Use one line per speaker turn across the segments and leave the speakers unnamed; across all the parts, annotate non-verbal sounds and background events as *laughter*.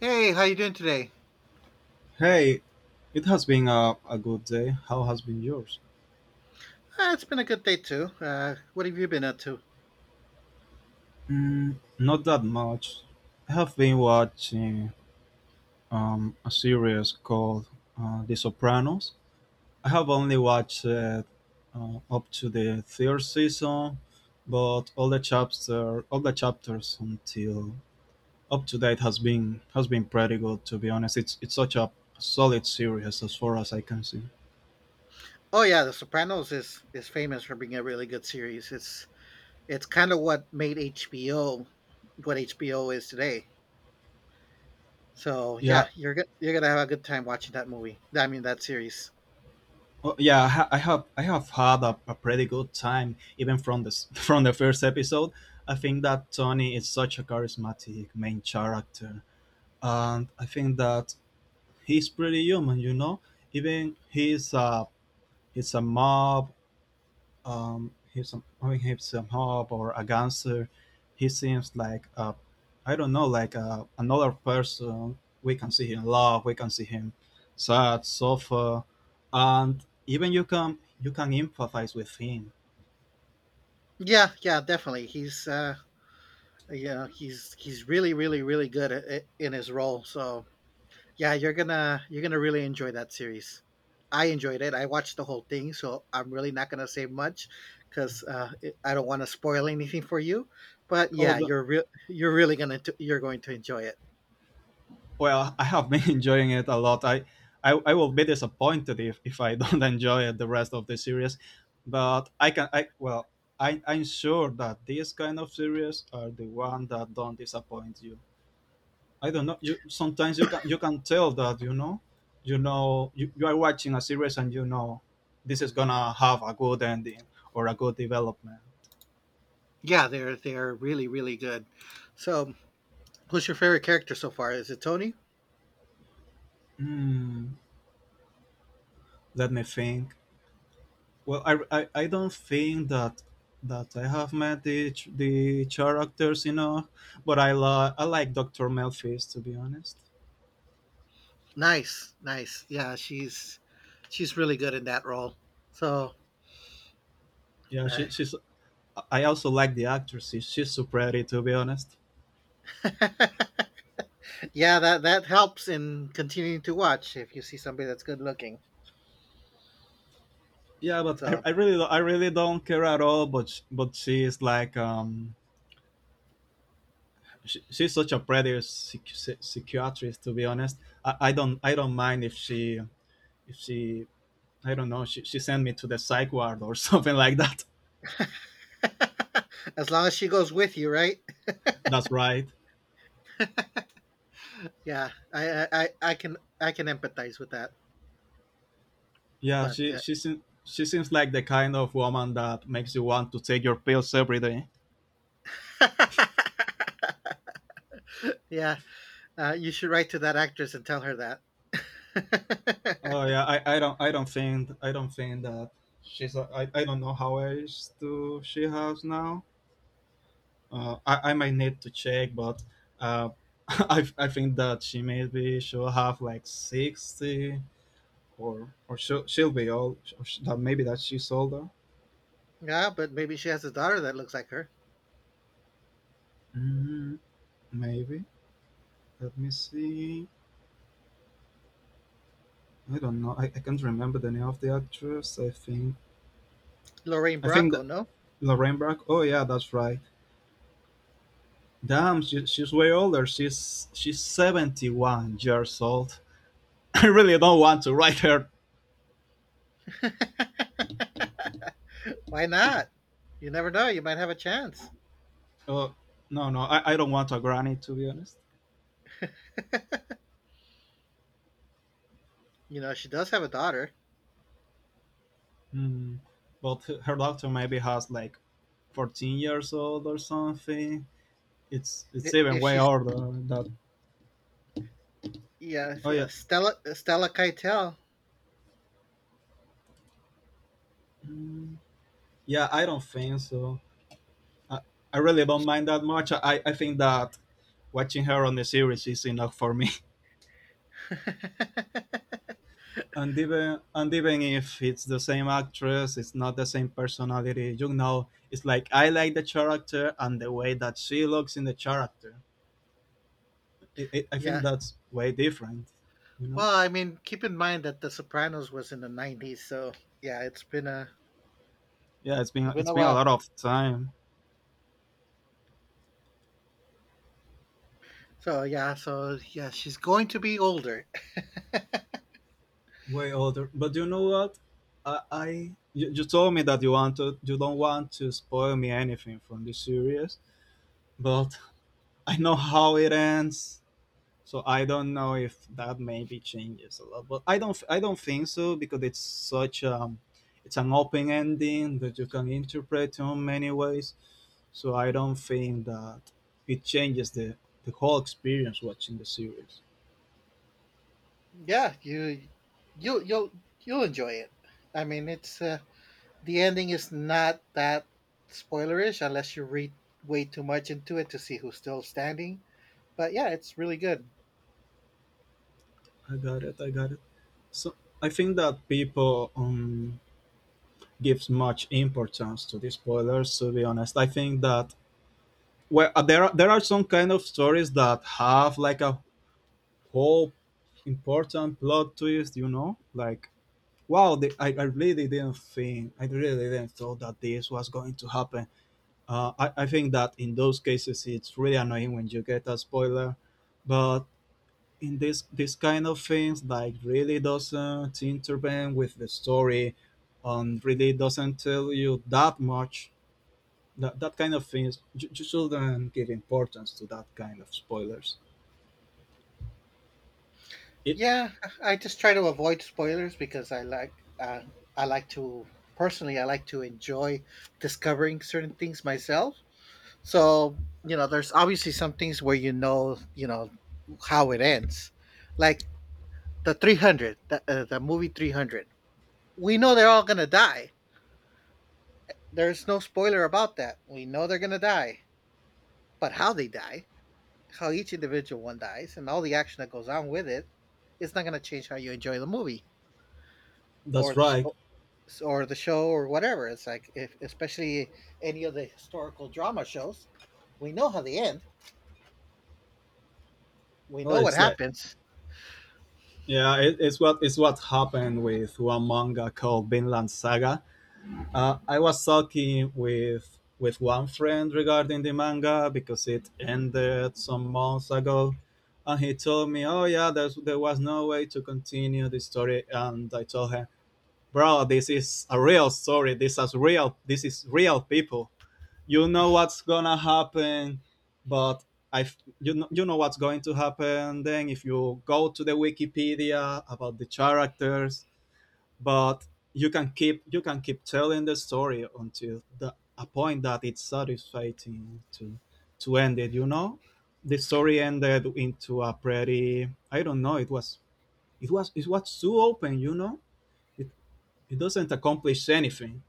Hey, how you doing today?
Hey, it has been a good day. How has been yours?
It's been a good day too. What have you been up to?
Not that much. I have been watching a series called The Sopranos. I have only watched up to the third season, but all the chapters until up to date has been pretty good. To be honest, it's such a solid series as far as I can see.
Oh yeah, The Sopranos is famous for being a really good series. It's kind of what made HBO what HBO is today. So
Yeah.
yeah, you're gonna have a good time watching that movie. I mean that series.
Oh, yeah, I have had a pretty good time even from this *laughs* from the first episode. I think that Tony is such a charismatic main character, and I think that he's pretty human. You know, even he's a mob, he's some hope or a gangster. He seems like a, I don't know, like another person. We can see him love we can see him sad, suffer, and even you can, you can empathize with him.
Yeah, yeah, definitely. He's he's really really really good in his role. So yeah, you're gonna really enjoy that series. I enjoyed it. I watched the whole thing, so I'm really not gonna say much because I don't want to spoil anything for you. But
oh
yeah,
the,
you're really gonna t- you're going to enjoy it.
well, I have been *laughs* enjoying it a lot. I I will be disappointed if I don't *laughs* enjoy it the rest of the series, but I'm sure that these kind of series are the one that don't disappoint you. I don't know. You Sometimes you can, you can tell that you know you are watching a series and you know this is gonna have a good ending or a good development.
Yeah, they're really really good. So, who's your favorite character so far? Is it Tony?
Hmm, let me think. Well, I don't think that I have met the characters enough, but I like Doctor Melfis, to be honest.
Nice, nice. Yeah, she's really good in that role. So,
Yeah,
uh,
she's. I also like the actress. She's so pretty, to be honest.
*laughs* yeah, that helps in continuing to watch if you see somebody that's good looking.
Yeah, but
So.
I really don't care at all. But she is like, she's such a pretty psychiatrist, to be honest. I don't, I don't mind if she, if she I don't know, she sent me to the psych ward or *laughs* something like that.
*laughs* As long as she goes with you, right?
That's right.
Yeah, I can I can empathize with that.
Yeah,
But
she seems, she seems like the kind of woman that makes you want to take your pills every day.
*laughs* yeah, you should write to that actress and tell her that.
Oh
*laughs*
yeah, I don't think that I don't know how age do she has now. I might need to check, but uh, *laughs* I think that she maybe she'll have like 60, or she'll be old. Or sh that maybe that she's older.
Yeah, but maybe she has a daughter that looks like her.
Mm, Maybe. Let me see. I don't know. I can't remember the name of the actress.
Lorraine
I think
Bracco.
that
No,
Lorraine Bracco. Oh yeah, that's right. Damn, she's way older. She's 71 years old. *laughs* I really don't want to write her.
*laughs* why not? You never know. You might have a chance.
Uh, no, no, I don't want a granny, to be honest.
You know, she does have a daughter.
Mm, but her daughter maybe has like 14 years old or something. It's
I-
even
If
way
she's
older than that.
yeah,
Oh
uh,
yeah.
Stella Stella Keitel.
Mm, yeah, I don't think so. I, I really don't mind that much. I think that watching her on the series is enough for me. *laughs* And even, and even if it's the same actress, it's not the same personality. You know, it's like I like the character and the way that she looks in the character.
*laughs*
I
Yeah,
think that's way different. You know.
well, I mean, keep in mind that The Sopranos was in the 90s, so yeah,
Yeah,
it's been
it's
a
been a
while.
lot of time.
So yeah, so yeah, she's going to be older. *laughs*
Way older. But you know what? I you told me that you don't want to spoil me anything from this series, but I know how it ends, so I don't know if that maybe changes a lot. But I don't think so because it's such, it's an open ending that you can interpret in many ways. So I don't think that it changes the whole experience watching the series.
Yeah, you you'll enjoy it. I mean, it's the ending is not that spoilerish unless you read way too much into it to see who's still standing. But yeah, it's really good.
I got it. So I think that people, gives much importance to the spoilers. To be honest, I think that, well, there are some kind of stories that have like a whole important plot twist. You know, like, wow, I really didn't thought that this was going to happen. I think that in those cases it's really annoying when you get a spoiler, but in this, this kind of things like really doesn't intervene with the story and really doesn't tell you that much, that kind of things you shouldn't give importance to that kind of spoilers. It
Yeah, I just try to avoid spoilers because I like to personally I like to enjoy discovering certain things myself. So, you know, there's obviously some things where you know how it ends. Like the 300, the movie 300. We know they're all going to die. There's no spoiler about that. We know they're going to die. But how they die, how each individual one dies, and all the action that goes on with it, it's not going to change how you enjoy the movie or
That's
the
right.
sh- or the show or whatever. It's like if especially any of the historical drama shows, we know how they end. We
well
know what
it's like
happens.
Yeah, it's what, it's what happened with one manga called Vinland Saga. I was talking with one friend regarding the manga because it ended some months ago, and he told me, "Oh yeah, there's, there was no way to continue the story." And I told him, "Bro, this is a real story. This is real. This is real people. You know what's gonna happen, but." You know what's going to happen then if you go to the Wikipedia about the characters, but you can keep telling the story until a point that it's satisfying to to end it. You know, the story ended into a pretty, I don't know. It was too open. You know, it it doesn't accomplish anything.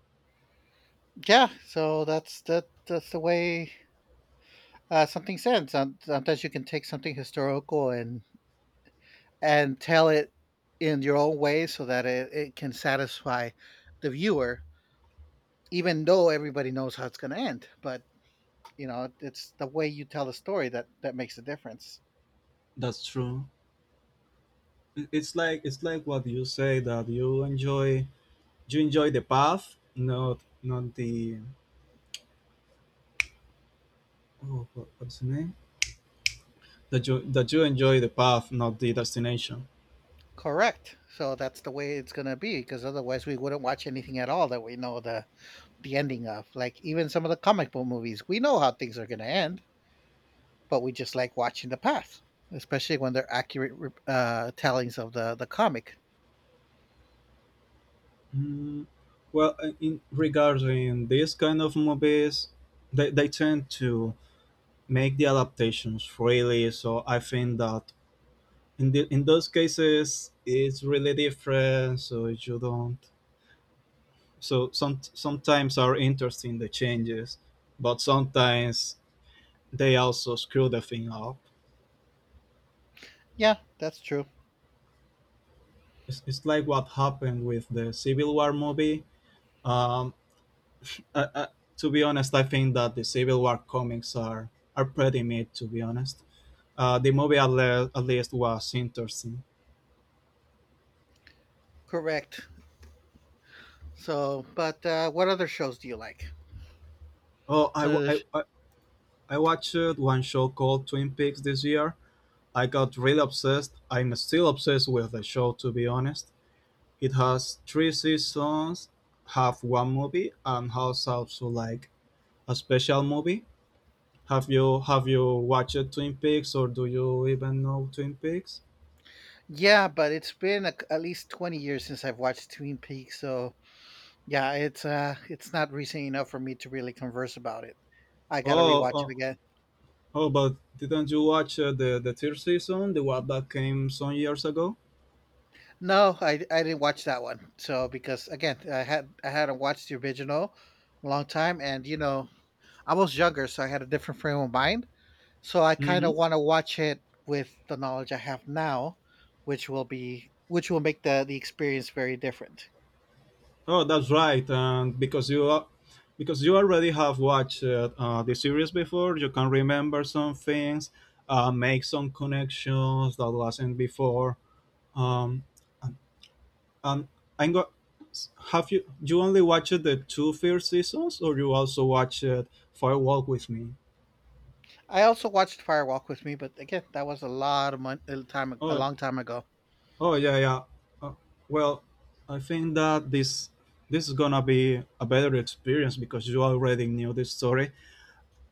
Yeah, so that's the way. Sometimes you can take something historical and tell it in your own way so that it can satisfy the viewer, even though everybody knows how it's going to end. But you know, it's the way you tell the story that makes a difference.
That's true. It's like, it's like what you say, that you enjoy the path, not the, oh, what's the name, that you enjoy the path, not the destination.
Correct, so that's the way it's going to be, because otherwise we wouldn't watch anything at all that we know the ending of. Like even some of the comic book movies, we know how things are going to end, but we just like watching the path, especially when they're accurate tellings of the comic.
Mm, well, in regarding these kind of movies, they tend to make the adaptations freely. So I think that in the, in those cases, it's really different. So you don't. So some, sometimes are interesting the changes, but sometimes they also screw the thing up.
Yeah, that's true.
It's like what happened with the Civil War movie. Um, uh, uh, to be honest, I think that the Civil War comics are pretty mid. To be honest, the movie at least was interesting.
Correct. So, but what other shows do you like?
Oh, I, wa-
Uh,
I watched one show called Twin Peaks this year. I got really obsessed. I'm still obsessed with the show. To be honest, it has 3 seasons, have one movie, and has also like a special movie. Have you watched Twin Peaks, or do you even know Twin Peaks?
yeah, but it's been a, at least 20 years since I've watched Twin Peaks, so yeah, it's not recent enough for me to really converse about it. I gotta
Oh,
rewatch it
oh
again.
Oh, but didn't you watch the third season, the one that came some years ago?
No, I didn't watch that one. So because again, I hadn't watched the original a long time, and you know I was younger, so I had a different frame of mind. So I kind of
Hmm.
want to watch it with the knowledge I have now, which will make the experience very different.
Oh, that's right. And because you are, because you already have watched the series before, you can remember some things, make some connections that wasn't before. Um, and, and I'm go- have you, you only watched the two first seasons, or you also watched Firewalk with Me?
I also watched Fire Walk with Me, but again, that was a lot of mon- a time a
Oh.
long time ago.
Oh yeah, yeah. Uh, well, I think that this is gonna be a better experience because you already knew this story,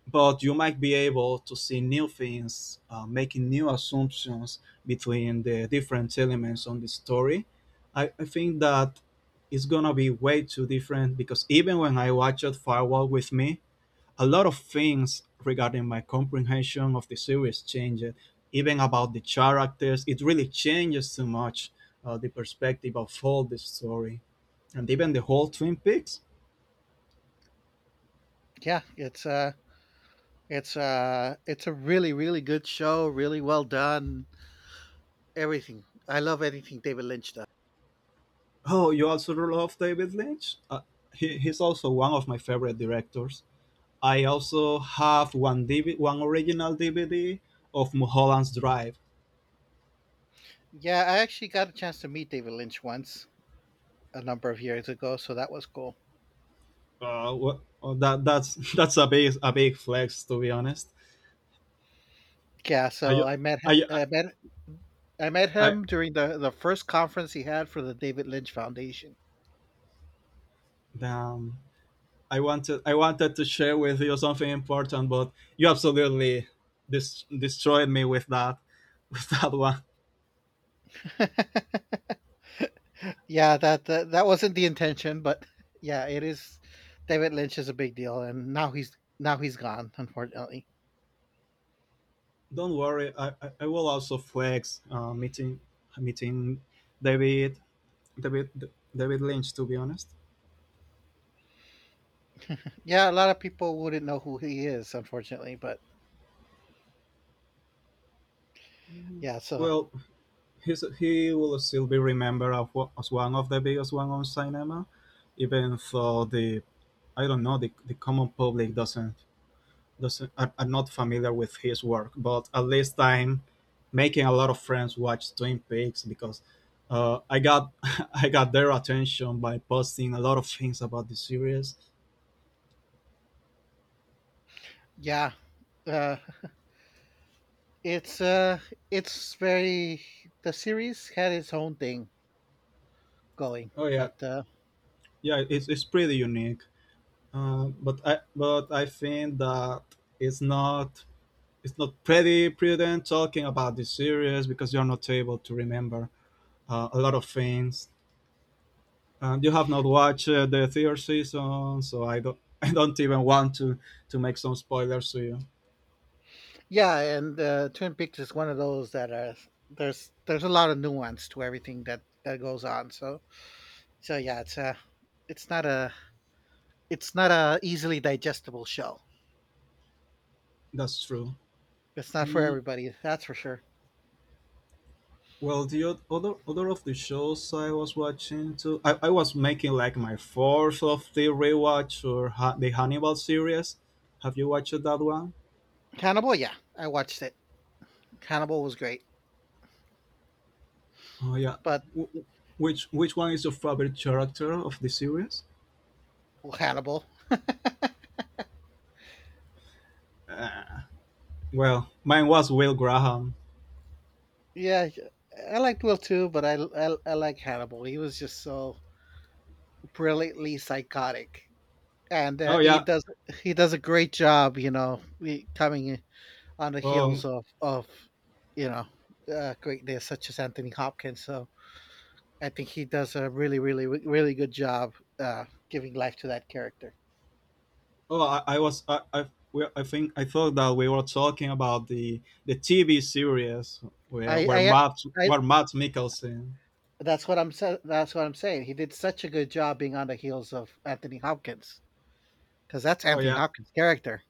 but you might be able to see new things, making new assumptions between the different elements on the story. I think that it's gonna be way too different because even when I watched Firewall with me, a lot of things regarding my comprehension of the series changed, even about the characters. It really changes so much the perspective of all the story, and even the whole Twin Peaks.
Yeah, it's uh it's a really really good show, really well done. Everything. I love anything David Lynch does.
Oh, you also love David Lynch? He's also one of my favorite directors. I also have one DV, one original DVD of Mulholland's Drive.
Yeah, I actually got a chance to meet David Lynch once a number of years ago, so that was cool.
Oh, that that's *laughs* that's a big, a big flex, to be honest.
Yeah,
I
so
I I,
I met
I
him during the first conference he had for the David Lynch Foundation.
Damn. I wanted to share with you something important, but you absolutely destroyed me with that *laughs* with that one.
*laughs* Yeah, that wasn't the intention, but *laughs* yeah, it is. David Lynch is a big deal, and now he's gone, unfortunately.
Don't worry, I will also flex meeting David David David Lynch, to be honest.
Yeah, a lot of people wouldn't know who he is, unfortunately, but yeah, so
Well, he will still be remembered as one of the biggest one on cinema, even though the I don't know, the common public doesn't, are not familiar with his work, but at least I'm making a lot of friends watch Twin Peaks because I got *laughs* I got their attention by posting a lot of things about the series.
yeah, uh, it's uh, it's very The series had its own thing going,
Oh yeah.
but
Yeah, it's pretty unique. But I think that it's not it's not pretty prudent talking about the series because you're not able to remember a lot of things. And you have not watched the third season, so I don't *laughs* I don't even want to make some spoilers to you.
yeah. And Twin Peaks is one of those that are there's a lot of nuance to everything that goes on. So so yeah, it's not a it's not a easily digestible show.
That's true.
It's not for
Mm,
everybody, that's for sure.
well, the oth- other other of the shows I was watching too, I was making like my fourth of the rewatch, the Hannibal series. Have you watched that one?
Hannibal, yeah, I watched it. Hannibal was great,
Oh yeah.
but
W- w- which which one is your favorite character of the series?
well, Hannibal,
Uh, well, mine was Will Graham.
yeah, I liked Will too, but I like Hannibal. He was just so brilliantly psychotic, and
Oh yeah.
he does a great job, you know, coming on the heels
Um,
of you know greatness such as Anthony Hopkins. So I think he does a really, really, really good job giving life to that character.
Oh, I think I thought that we were talking about the TV series where
I, I, I
Matt Mikkelsen.
that's what I'm saying. He did such a good job being on the heels of Anthony Hopkins, because that's
Oh
Anthony
yeah.
Hopkins' character.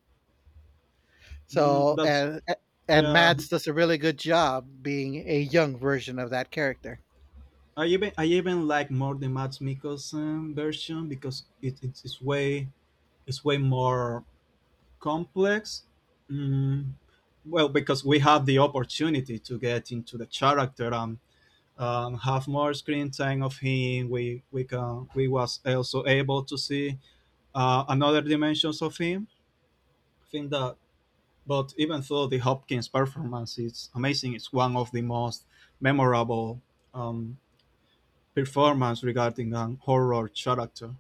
mm,
So
that's
and
Yeah.
Mads does a really good job being a young version of that character.
I even like more the Matt Mikkelsen version because it's way, it's way more complex. Mm, well, because we have the opportunity to get into the character and, have more screen time of him. We was also able to see another dimensions of him. I think that, but even though the Hopkins performance is amazing, it's one of the most memorable, um, performance regarding an horror character.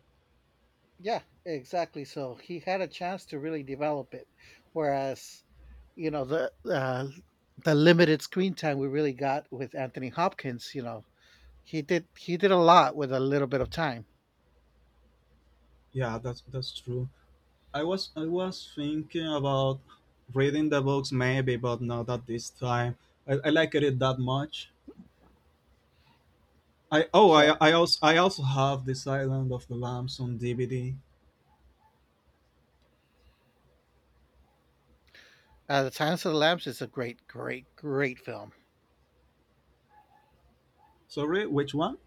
Yeah, exactly. So he had a chance to really develop it, whereas you know the limited screen time we really got with Anthony Hopkins, you know, he did a lot with a little bit of time.
Yeah, that's true. I was thinking about reading the books maybe, but not at this time. I liked it that much. I oh
So
I also have The Silent of the Lambs on DVD.
the Silence of the Lambs is a great, great, great film.
Sorry, which one?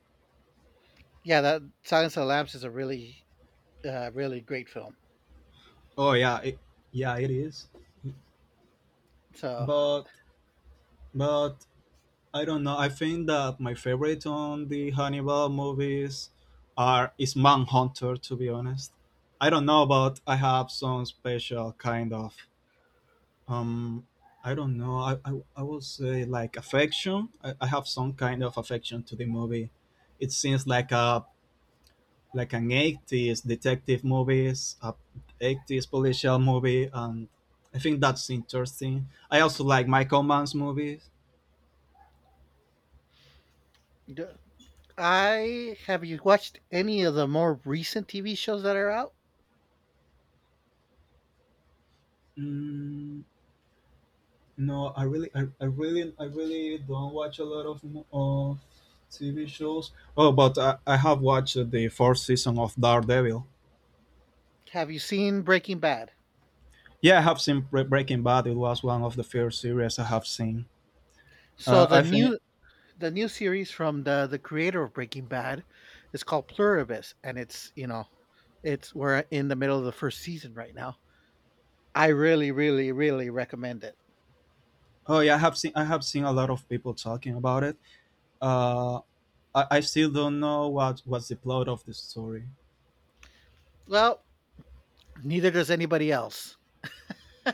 Yeah, that Silence of the Lambs is a really, really great film.
Oh yeah, yeah it is.
So
But but I don't know. I think that my favorite on the Hannibal movies are is Manhunter. To be honest, I don't know, but I have some special kind of, um. I don't know. I will say like affection. I have some kind of affection to the movie. It seems like a, like an eighties detective movies, a eighties policial movie, and I think that's interesting. I also like Michael Mann's movies.
d- I- have you watched any of the more recent TV shows that are out?
Mm, No, I really don't watch a lot of TV shows. Oh, but I have watched the 4th season of Daredevil.
Have you seen Breaking Bad?
Yeah, I have seen Breaking Bad. It was one of the first series I have seen.
So
I think.
the new series from the creator of Breaking Bad is called Pluribus, and it's you know it's we're in the middle of the first season right now. I really, really, really recommend it.
Oh yeah, I have seen a lot of people talking about it. Uh, I still don't know what, what's the plot of the story.
Well, neither does anybody else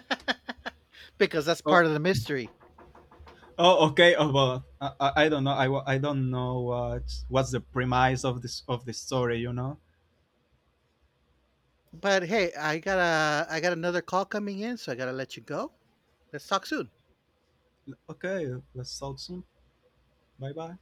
*laughs* because that's
Oh,
part of the mystery.
oh, okay. Oh, but I don't know. I don't know what, what's the premise of this, of the story. You know.
But hey, I got another call coming in, so I gotta let you go. Let's talk soon.
Okay, let's talk soon. Bye bye.